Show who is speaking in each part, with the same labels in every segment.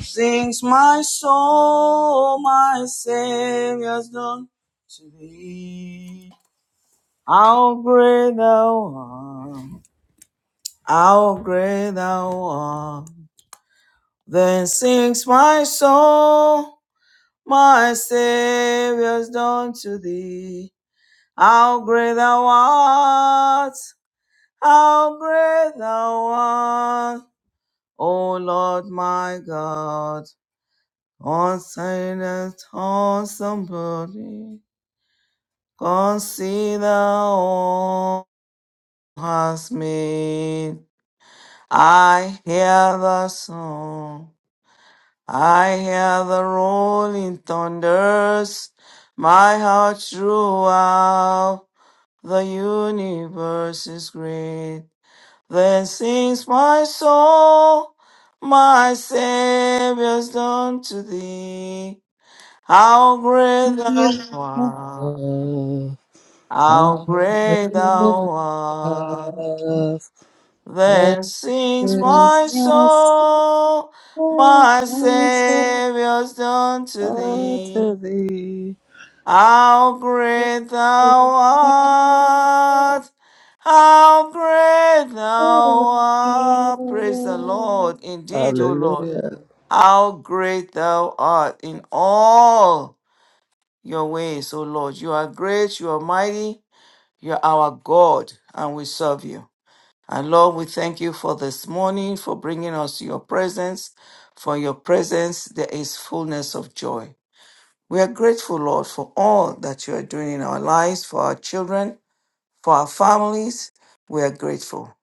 Speaker 1: Sings my soul, my Savior's done to thee. How great thou art, how great thou art. Then sings my soul, my Savior's done to thee. How great thou art, how great thou art, O Lord my God. On silence, on somebody, consider all has made. I hear the song, I hear the rolling thunders. My heart throughout the universe is great. Then sings my soul, my Savior's done to thee. How great thou
Speaker 2: Oh,
Speaker 1: art, how
Speaker 2: hungry
Speaker 1: great
Speaker 2: love,
Speaker 1: thou art.
Speaker 2: that
Speaker 1: Then sings
Speaker 2: is
Speaker 1: my
Speaker 2: my
Speaker 1: soul, my Saviour's done to
Speaker 2: heart
Speaker 1: thee.
Speaker 2: to thee.
Speaker 1: How great thou art, how great thou art. Praise the Lord, indeed, O Lord.
Speaker 2: Hallelujah.
Speaker 1: How great thou art in all. your ways, O Lord. You are great, you are mighty, you are our God, and we serve you. And Lord, we thank you for this morning, for bringing us to your presence. For your presence, there is fullness of joy. We are grateful, Lord, for all that you are doing in our lives, for our children, for our families. We are grateful.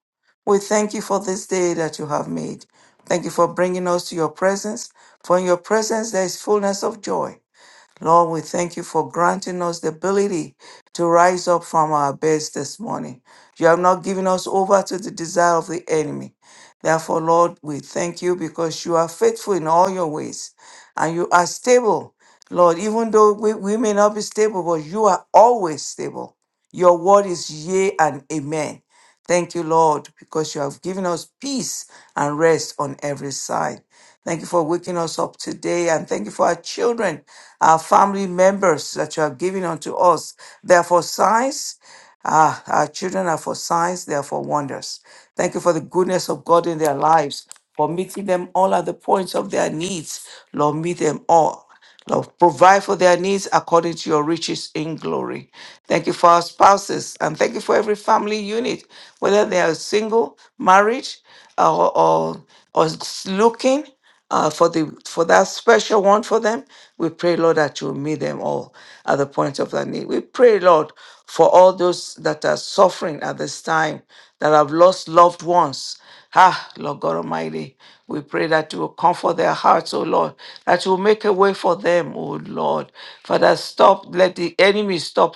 Speaker 1: We thank you for this day that you have made. Thank you for bringing us to your presence. For in your presence, there is fullness of joy Lord, we thank you for granting us the ability to rise up from our beds this morning. You have not given us over to the desire of the enemy. Therefore, Lord, we thank you because you are faithful in all your ways and you are stable. Lord, even though we, we may not be stable, but you are always stable. Your word is yea and amen. Thank you, Lord, because you have given us peace and rest on every side. Thank you for waking us up today and thank you for our children, our family members that you have given unto us. They are for signs. Ah, our children are for signs. They are for wonders. Thank you for the goodness of God in their lives, for meeting them all at the points of their needs. Lord, meet them all. Lord, provide for their needs according to your riches in glory. Thank you for our spouses and thank you for every family unit, whether they are single, married, or, or, or looking uh, for the for that special one for them. We pray, Lord, that you meet them all at the point of their need. We pray, Lord, for all those that are suffering at this time, that have lost loved ones. Ah, Lord God Almighty, we pray that you will comfort their hearts, oh Lord, that you will make a way for them, oh Lord. Father, stop, let the enemy stop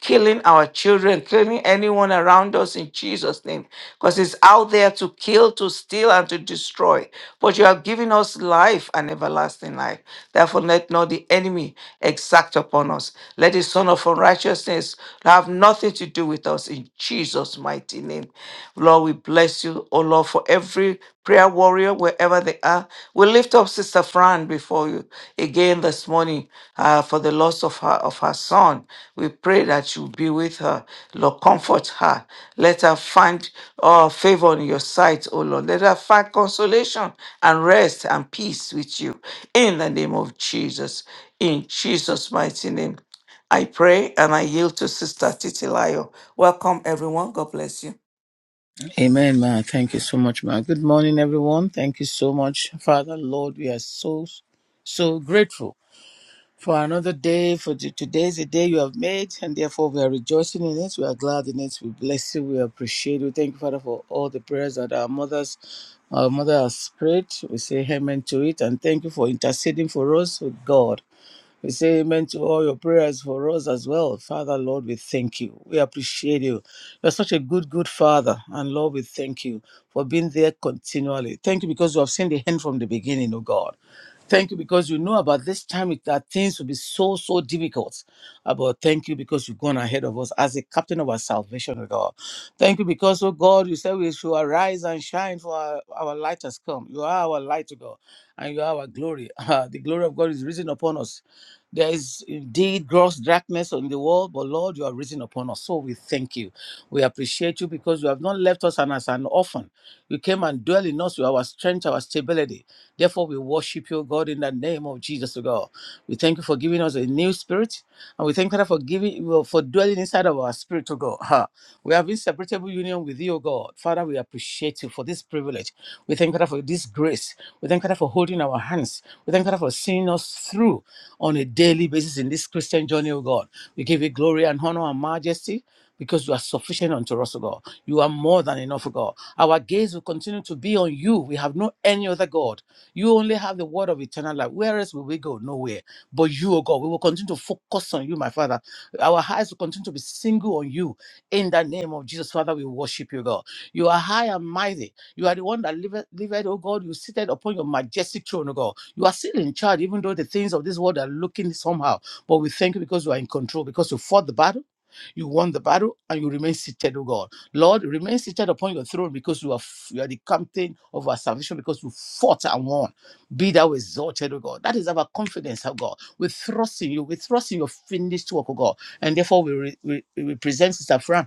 Speaker 1: killing our children children, killing anyone around us in Jesus' name, because it's out there to kill, to steal, and to destroy. But you have given us life and everlasting life. Therefore, let not the enemy exact upon us. Let the son of unrighteousness have nothing to do with us in Jesus' mighty name. Lord, we bless you, O Lord, for every prayer warrior, wherever they are. We lift up Sister Fran before you again this morning uh, for the loss of her of her son. We pray that you be with her. Lord, comfort her. Let her find uh, favor on your sight, O Lord. Let her find consolation and rest and peace with you. In the name of Jesus. In Jesus' mighty name. I pray and I yield to Sister Titilayo. Welcome, everyone. God bless you.
Speaker 2: Amen, ma. Thank you so much, ma. Good morning, everyone. Thank you so much, Father, Lord. We are so, so grateful. for another day. For t- today is a day you have made, and therefore we are rejoicing in it. We are glad in it. We bless you. We appreciate you. Thank you, Father, for all the prayers that our mothers, our mother has prayed. We say amen to it, and thank you for interceding for us with God. We say amen to all your prayers for us as well. Father, Lord, we thank you. We appreciate you. You're such a good, good Father. And Lord, we thank you for being there continually. Thank you because you have seen the hand from the beginning, oh God. Thank you because you know about this time it- that things will be so, so difficult. Uh, But thank you because you've gone ahead of us as a captain of our salvation, oh God. Thank you because, oh God, you said we should arise and shine for our, our light has come. You are our light, oh God, and you are our glory. the glory of God is risen upon us. There is indeed gross darkness on the world, but Lord, you are risen upon us. So we thank you. We appreciate you because you have not left us and as an orphan. You came and dwell in us with our strength, our stability. Therefore, we worship you, God, in the name of Jesus, O God. We thank you for giving us a new spirit, and we thank you for giving well, for dwelling inside of our spirit, O God. Ha. We have inseparable union with you, O God. Father, we appreciate you for this privilege. We thank you for this grace. We thank you for holding our hands. We thank you for seeing us through on a daily basis in this Christian journey, O God. We give you glory and honor and majesty because you are sufficient unto us, O God. You are more than enough, O God. Our gaze will continue to be on you. We have no any other God. You only have the word of eternal life. Where else will we go? Nowhere. But you, O God, we will continue to focus on you, my Father. Our eyes will continue to be single on you. In the name of Jesus, Father, we worship you, God. You are high and mighty. You are the one that liveth, liveth, O God. You seated upon your majestic throne, O God. You are still in charge, even though the things of this world are looking somehow. But we thank you because you are in control, because you fought the battle. You won the battle and you remain seated, O God. Lord, remain seated upon your throne because you are f- you are the captain of our salvation because you fought and won. Be thou exalted, O God. That is our confidence, O God. We trust in you. We trust in your finished work, O God. And therefore we, re- we, we present Sister Fran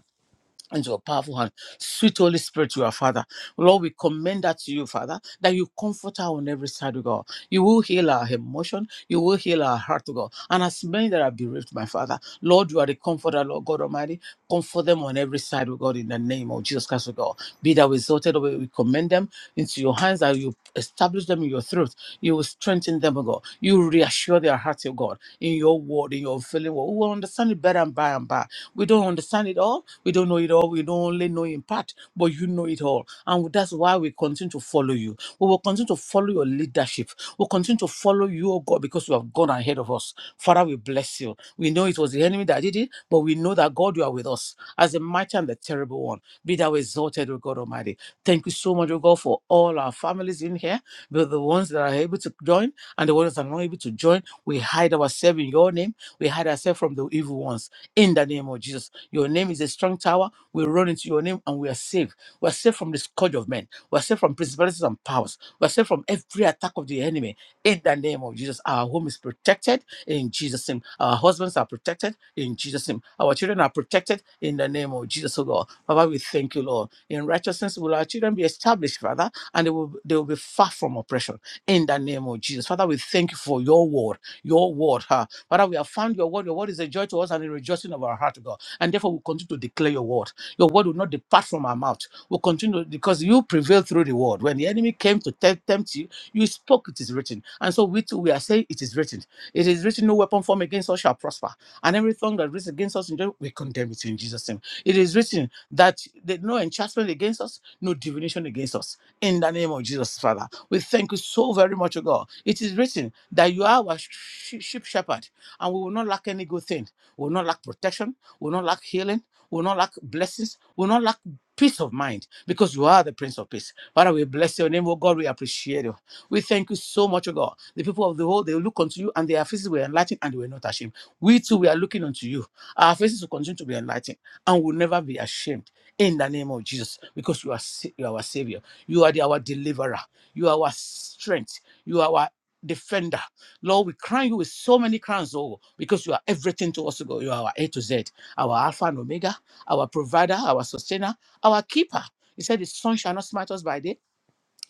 Speaker 2: into a powerful hand. Sweet Holy Spirit, you are Father. Lord, we commend that to you, Father, that you comfort her on every side, O God. You will heal our emotion. You will heal our heart, O God. And as many that are bereaved, my Father, Lord, you are the comforter, Lord God Almighty. Comfort them on every side, O God, in the name of Jesus Christ, O God. Be that resulted, O God, we commend them into your hands, that you establish them in your truth. You will strengthen them, O God. You will reassure their hearts, O God, in your word, in your feeling. We will understand it better and by and by. We don't understand it all we don't know it all. We don't only know in part, but you know it all. And that's why we continue to follow you. We will continue to follow your leadership. We'll continue to follow you, oh God, because you have gone ahead of us. Father, we bless you. We know it was the enemy that did it, but we know that God, you are with us as the mighty and the terrible one. Be thou exalted, O God Almighty. Thank you so much, O God, for all our families in here, both the ones that are able to join and the ones that are not able to join. We hide ourselves in your name. We hide ourselves from the evil ones in the name of Jesus. Your name is a strong tower. We run into your name and we are safe. We are safe from the scourge of men. We are safe from principalities and powers. We are safe from every attack of the enemy in the name of Jesus. Our home is protected in Jesus' name. Our husbands are protected in Jesus' name. Our children are protected in the name of Jesus, oh God. Father, we thank you, Lord. In righteousness will our children be established, Father, and they will, they will be far from oppression in the name of Jesus. Father, we thank you for your word, your word, huh? Father, we have found your word. Your word is a joy to us and a rejoicing of our heart, O God. And therefore, we continue to declare your word. Your word will not depart from our mouth. We'll continue because you prevail through the word. When the enemy came to te- tempt you, you spoke, it is written. And so we too, we are saying, it is written. It is written, no weapon formed against us shall prosper. And every tongue that risen against us, in judgment, we condemn it in Jesus' name. It is written that there no enchantment against us, no divination against us. In the name of Jesus, Father, we thank you so very much, O God. It is written that you are our sh- sheep shepherd and we will not lack any good thing. We will not lack protection. We will not lack healing. We will not lack blessings. We will not lack peace of mind because you are the Prince of Peace. Father, we bless your name, oh God. We appreciate you. We thank you so much, oh God. The people of the world, they will look unto you and their faces were enlightened and they were not ashamed. We too, we are looking unto you. Our faces will continue to be enlightened and will never be ashamed in the name of Jesus because you are, sa- you are our Savior. You are the- our deliverer. You are our strength. You are our defender. Lord, we crown you with so many crowns, oh, because you are everything to us, oh God. You are our A to Z, our Alpha and Omega, our provider, our sustainer, our keeper. He said, The sun shall not smite us by day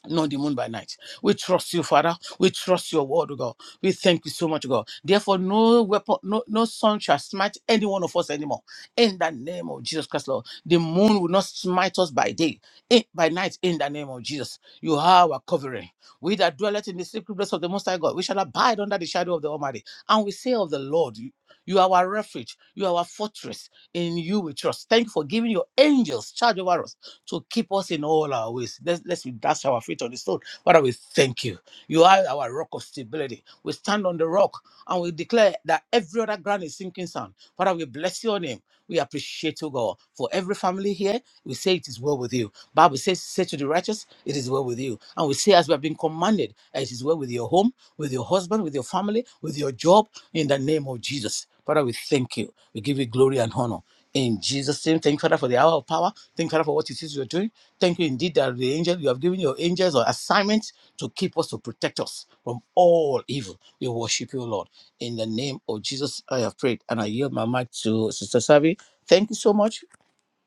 Speaker 2: not the moon by night. We trust you, Father. We trust your word, O God. We thank you so much, O God. Therefore, no weapon, no, no sun shall smite any one of us anymore. In the name of Jesus Christ, Lord. The moon will not smite us by day, in, by night, in the name of Jesus. You are our covering. We that dwelleth in the secret place of the Most High God, we shall abide under the shadow of the Almighty. And we say of the Lord, you, you are our refuge, you are our fortress. In you we trust. Thank you for giving your angels charge over us to keep us in all our ways. Let's, let's dash our feet on the stone. Father, we thank you. You are our rock of stability. We stand on the rock and we declare that every other ground is sinking sand. Father, we bless your name. We appreciate you, God. For every family here, we say it is well with you. Bible says, say to the righteous, it is well with you. And we say, as we have been commanded, it is well with your home, with your husband, with your family, with your job, in the name of Jesus. Father, we thank you. We give you glory and honor. In Jesus' name, thank you, Father, for the hour of power. Thank you, Father, for what it is you're doing. Thank you indeed that the angel you have given your angels an assignment to keep us, to protect us from all evil. We worship you, Lord. In the name of Jesus, I have prayed. And I yield my mic to Sister Savi. Thank you so much.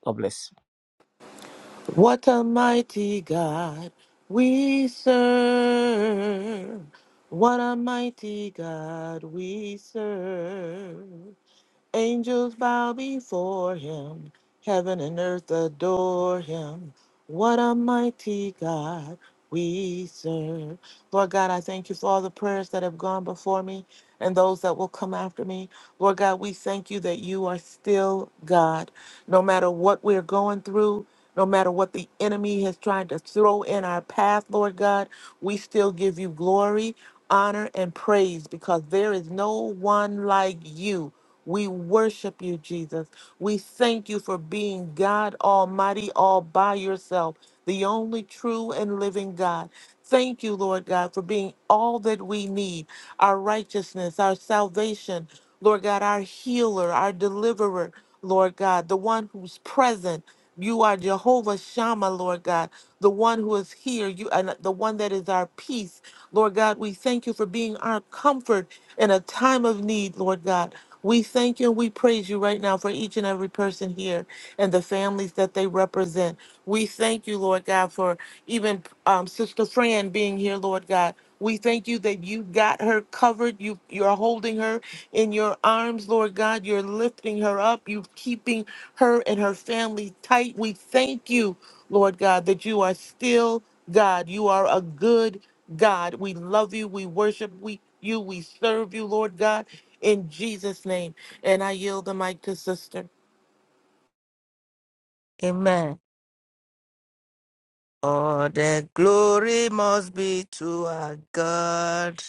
Speaker 2: God bless.
Speaker 3: What a mighty God we serve. What a mighty God we serve. Angels bow before him, heaven and earth adore him. What a mighty God we serve. Lord God, I thank you for all the prayers that have gone before me and those that will come after me. Lord God, we thank you that you are still God. No matter what we're going through, no matter what the enemy has tried to throw in our path, Lord God, we still give you glory, honor, and praise because there is no one like you. We worship you, Jesus. We thank you for being God Almighty all by yourself, the only true and living God. Thank you, Lord God, for being all that we need our righteousness, our salvation, Lord God, our healer, our deliverer, Lord God, the one who's present. You are Jehovah Shammah, Lord God, the one who is here, you and the one that is our peace. Lord God, we thank you for being our comfort in a time of need, Lord God. We thank you and we praise you right now for each and every person here and the families that they represent. We thank you, Lord God, for even um, Sister Fran being here, Lord God. We thank you that you got her covered. You you're holding her in your arms, Lord God. You're lifting her up. You're keeping her and her family tight. We thank you, Lord God, that you are still God. You are a good God. We love you. We worship we, you. We serve you, Lord God, in Jesus' name. And I yield the mic to Sister.
Speaker 4: Amen. All the glory must be to our God.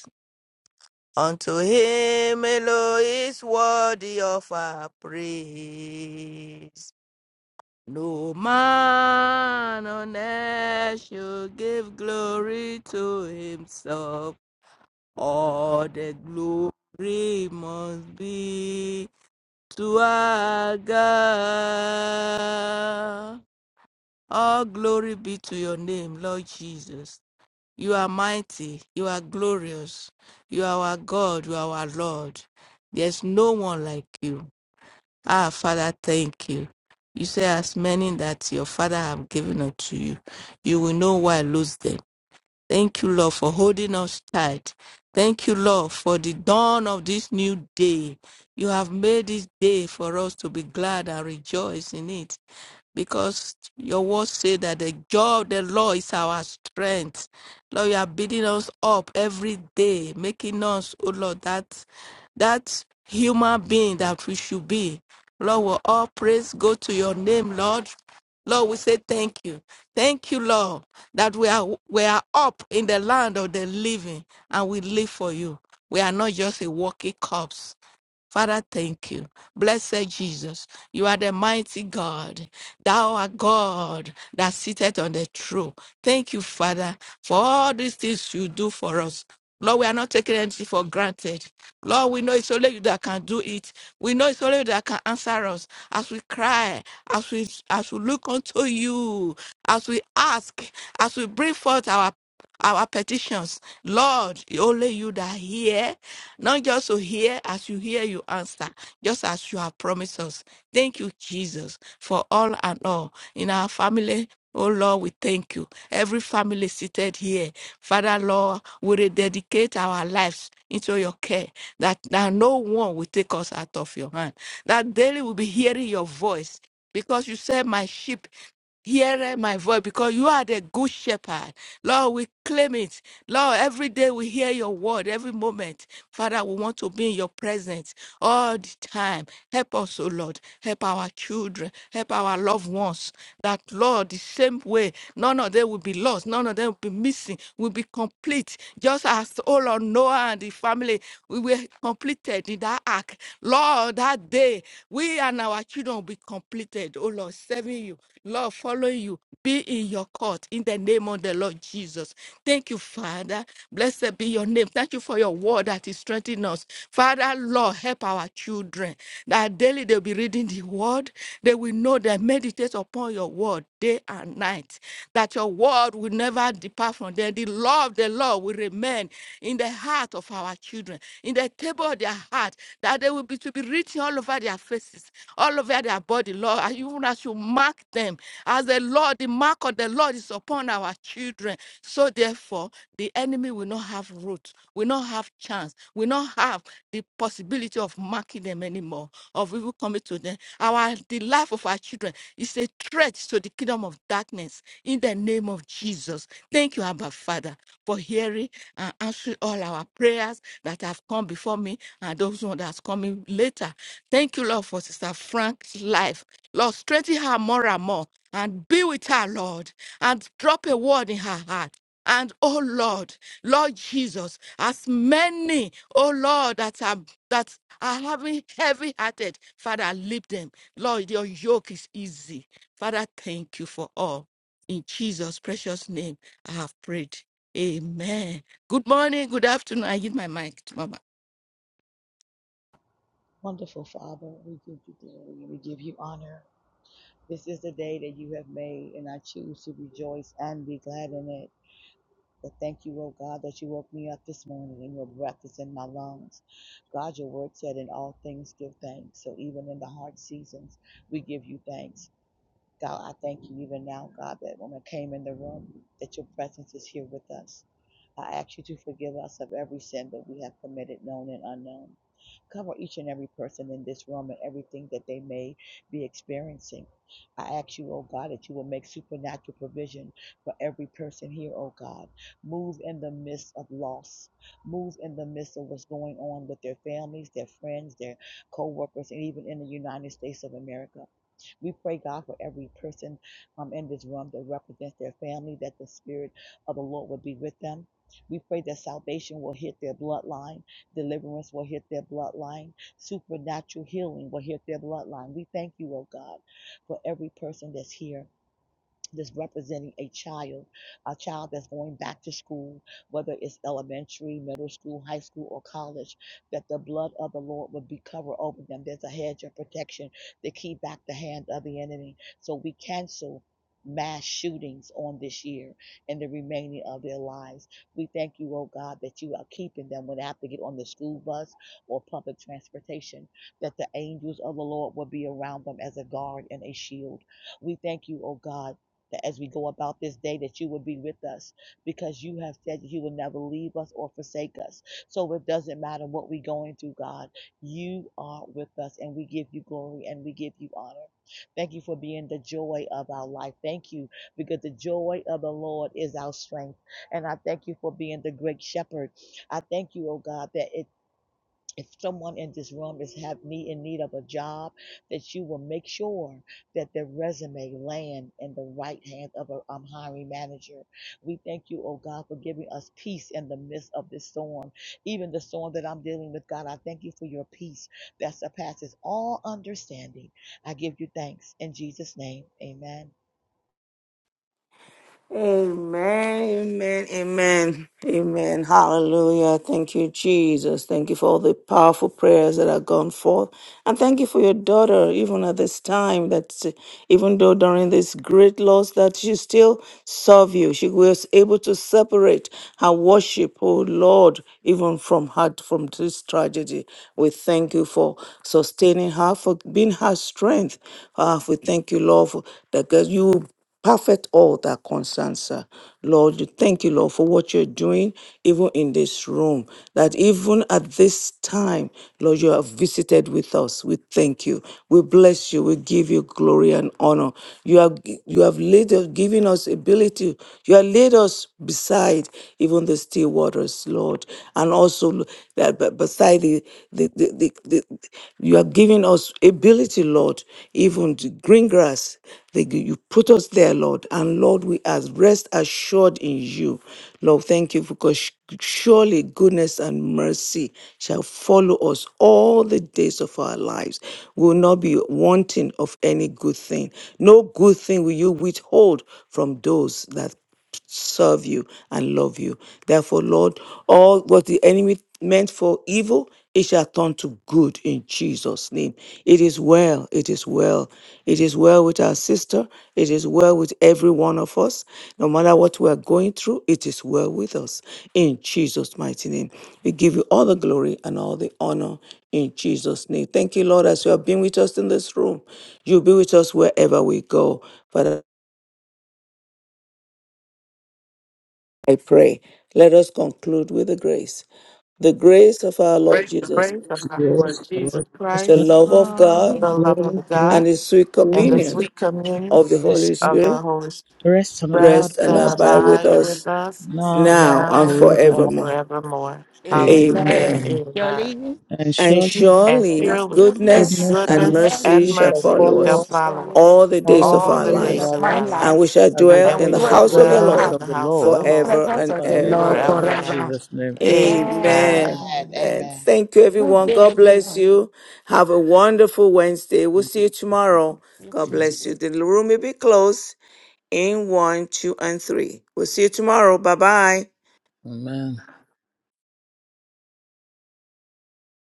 Speaker 4: Unto him alone is worthy of our praise. No man on earth should give glory to himself. All the glory must be to our God. All glory be to your name, Lord Jesus. You are mighty. You are glorious. You are our God. You are our Lord. There's no one like you. Ah, Father, thank you. You say, as many that your Father have given unto you, you will know why lose them Thank you, Lord, for holding us tight. Thank you, Lord, for the dawn of this new day. You have made this day for us to be glad and rejoice in it because your words say that the joy of the Lord is our strength. Lord, you are building us up every day, making us, oh Lord, that that human being that we should be. Lord, we all praise go to your name, Lord. Lord, we say thank you. Thank you, Lord, that we are we are up in the land of the living and we live for you. We are not just a walking corpse. Father, thank you. Blessed Jesus, you are the mighty God. Thou art God that sitteth on the throne. Thank you, Father, for all these things you do for us. Lord, we are not taking anything for granted. Lord, we know it's only you that can do it. We know it's only you that can answer us as we cry, as we as we look unto you, as we ask, as we bring forth our our petitions. Lord, only you that hear, not just to hear, as you hear, you answer, just as you have promised us. Thank you, Jesus, for all and all. In our family, oh Lord, we thank you. Every family seated here, Father, Lord, we rededicate our lives into your care, that, that no one will take us out of your hand. That daily we'll be hearing your voice. Because you said, My sheep. Hear my voice because you are the good shepherd. Lord, we claim it. Lord, every day we hear your word, every moment. Father, we want to be in your presence all the time. Help us, O Lord. Help our children. Help our loved ones. That, Lord, the same way, none of them will be lost. None of them will be missing. Will be complete. Just as, O Lord, Noah and the family, we were completed in that ark. Lord, that day, we and our children will be completed. Oh, Lord, serving you. Lord, following you. Be in your cause forth in the name of the Lord Jesus. Thank you, Father. Blessed be your name. Thank you for your word that is strengthening us. Father, Lord, help our children that daily they'll be reading the word. They will know that meditate upon your word day and night, that your word will never depart from them. The law of the Lord will remain in the heart of our children, in the table of their heart, that they will be to be written all over their faces, all over their body, Lord, and even as you mark them as the Lord, the mark of the Lord is upon our children. So therefore, the enemy will not have root, will not have chance, will not have the possibility of marking them anymore, of evil coming to them. Our the life of our children is a threat to the kingdom of darkness in the name of Jesus. Thank you, Abba Father, for hearing and answering all our prayers that have come before me and those one that's coming later. Thank you, Lord, for Sister Frank's life. Lord, strengthen her more and more and be with her, Lord, and drop a word in her heart. And oh Lord, Lord Jesus, as many, oh Lord, that are that are having heavy hearted, Father, lift them. Lord, your yoke is easy. Father, thank you for all. In Jesus' precious name, I have prayed. Amen. Good morning, good afternoon. I give my mic to Mama.
Speaker 5: Wonderful Father, we give you glory and we give you honor. This is the day that you have made, and I choose to rejoice and be glad in it. But thank you, oh God, that you woke me up this morning and your breath is in my lungs. God, your word said, in all things give thanks. So even in the hard seasons, we give you thanks. God, I thank you even now, God, that when I came in the room, that your presence is here with us. I ask you to forgive us of every sin that we have committed, known and unknown. Cover each and every person in this room and everything that they may be experiencing. I ask you, oh God, that you will make supernatural provision for every person here, oh God. Move in the midst of loss. Move in the midst of what's going on with their families, their friends, their co workers, and even in the United States of America. We pray, God, for every person um, in this room that represents their family, that the Spirit of the Lord would be with them. We pray that salvation will hit their bloodline, deliverance will hit their bloodline, supernatural healing will hit their bloodline. We thank you, oh God, for every person that's here that's representing a child, a child that's going back to school, whether it's elementary, middle school, high school, or college, that the blood of the Lord would be covered over them. There's a hedge of protection to keep back the hand of the enemy. So we cancel mass shootings on this year and the remaining of their lives. We thank you, oh God, that you are keeping them when they have to get on the school bus or public transportation, that the angels of the Lord will be around them as a guard and a shield. We thank you, oh God that as we go about this day that you would be with us because you have said that you will never leave us or forsake us so it doesn't matter what we're going through god you are with us and we give you glory and we give you honor thank you for being the joy of our life thank you because the joy of the lord is our strength and i thank you for being the great shepherd i thank you oh god that it if someone in this room is have me in need of a job, that you will make sure that their resume land in the right hand of a um, hiring manager. We thank you, oh God, for giving us peace in the midst of this storm. Even the storm that I'm dealing with, God, I thank you for your peace that surpasses all understanding. I give you thanks in Jesus' name. Amen.
Speaker 1: Amen, amen, amen, amen. Hallelujah. Thank you, Jesus. Thank you for all the powerful prayers that have gone forth. And thank you for your daughter, even at this time, that uh, even though during this great loss, that she still served you. She was able to separate her worship, oh Lord, even from her, from this tragedy. We thank you for sustaining her, for being her strength. Ah, we thank you, Lord, for, that God, you perfect all that concerns her. Lord, you thank you, Lord, for what you're doing, even in this room. That even at this time, Lord, you have visited with us. We thank you. We bless you. We give you glory and honor. You have you have laid given us ability. You have laid us beside even the still waters, Lord, and also that b- beside the the the, the, the- you are giving us ability, Lord, even to green grass. They gi- You put us there, Lord. And Lord, we are rest assured in you. Lord, thank you because sh- surely goodness and mercy shall follow us all the days of our lives. We will not be wanting of any good thing. No good thing will you withhold from those that serve you and love you. Therefore, Lord, all what the enemy meant for evil, it shall turn to good in Jesus' name. It is well, it is well. It is well with our sister, it is well with every one of us. No matter what we are going through, it is well with us in Jesus' mighty name. We give you all the glory and all the honor in Jesus' name. Thank you, Lord, as you have been with us in this room. You'll be with us wherever we go. Father, I pray. Let us conclude with the grace. The grace of our Lord Jesus,
Speaker 3: Praise of our
Speaker 2: Praise
Speaker 3: Lord
Speaker 2: the Lord
Speaker 3: Jesus
Speaker 2: Jesus
Speaker 1: the
Speaker 2: Christ,
Speaker 3: Christ,
Speaker 1: love of God,
Speaker 3: the
Speaker 4: Um,
Speaker 2: the
Speaker 3: love
Speaker 2: Lord of
Speaker 3: of
Speaker 2: God,
Speaker 1: and
Speaker 3: God,
Speaker 1: the sweet
Speaker 3: and
Speaker 2: and
Speaker 3: the
Speaker 2: the
Speaker 1: communion
Speaker 2: sweet
Speaker 3: sweet communion
Speaker 1: of the
Speaker 2: Holy
Speaker 1: Holy
Speaker 2: Spirit
Speaker 3: of
Speaker 1: Spirit
Speaker 3: the Holy Spirit
Speaker 2: rest on about
Speaker 3: rest
Speaker 1: rest and
Speaker 3: and
Speaker 5: Yes,
Speaker 2: us
Speaker 1: abide with
Speaker 3: abide with
Speaker 1: us
Speaker 3: us
Speaker 2: now
Speaker 1: now
Speaker 2: and
Speaker 1: and
Speaker 3: now and
Speaker 2: forevermore.
Speaker 1: forevermore.
Speaker 3: forevermore. Hallelujah.
Speaker 4: amen.
Speaker 1: Amen.
Speaker 2: Amen.
Speaker 4: Your
Speaker 3: Amen.
Speaker 4: lady
Speaker 2: And
Speaker 1: And
Speaker 2: surely
Speaker 3: And
Speaker 1: surely
Speaker 4: of
Speaker 3: surely
Speaker 4: goodness
Speaker 1: goodness
Speaker 2: goodness
Speaker 1: and
Speaker 2: and
Speaker 4: and
Speaker 3: goodness
Speaker 4: mercy
Speaker 1: mercy
Speaker 3: and
Speaker 2: mercy
Speaker 1: shall
Speaker 2: shall
Speaker 3: mercy
Speaker 1: follow
Speaker 3: shall
Speaker 2: follow
Speaker 1: us
Speaker 2: us
Speaker 3: follow us
Speaker 4: holiness
Speaker 1: all the days
Speaker 2: all
Speaker 1: of
Speaker 2: the
Speaker 3: all
Speaker 1: our
Speaker 3: the
Speaker 2: days of
Speaker 3: days
Speaker 4: of
Speaker 1: lives,
Speaker 2: our
Speaker 3: of
Speaker 4: my
Speaker 3: our
Speaker 2: lives
Speaker 1: and
Speaker 4: life,
Speaker 3: life,
Speaker 1: we shall
Speaker 2: as we
Speaker 4: and
Speaker 1: dwell
Speaker 4: I
Speaker 3: and
Speaker 4: will
Speaker 1: in
Speaker 3: we
Speaker 2: dwell
Speaker 1: the
Speaker 2: in
Speaker 3: shall
Speaker 2: the
Speaker 4: dwell
Speaker 1: house
Speaker 4: in
Speaker 1: of the
Speaker 4: the
Speaker 3: dwell
Speaker 2: presence
Speaker 4: house
Speaker 3: in
Speaker 1: Lord
Speaker 2: of
Speaker 3: the
Speaker 2: the
Speaker 3: house of the
Speaker 4: in
Speaker 2: Lord
Speaker 4: the
Speaker 3: Lord
Speaker 1: forever
Speaker 2: forever
Speaker 4: presence
Speaker 1: and
Speaker 4: of the
Speaker 2: and
Speaker 4: Lord
Speaker 2: ever.
Speaker 1: ever.
Speaker 3: forever
Speaker 2: In
Speaker 3: and ever.
Speaker 4: forever.
Speaker 2: Jesus' name,
Speaker 3: Amen.
Speaker 1: Amen.
Speaker 5: Amen.
Speaker 4: Amen.
Speaker 1: Amen.
Speaker 5: Amen.
Speaker 1: Thank you,
Speaker 4: Good
Speaker 1: everyone.
Speaker 4: day,
Speaker 1: God bless
Speaker 4: everyone.
Speaker 1: you. Have a wonderful Wednesday. We'll see you tomorrow.
Speaker 4: It's
Speaker 1: God bless you. The room will be closed in one, two, and three. We'll see you tomorrow. Bye bye.
Speaker 2: amen.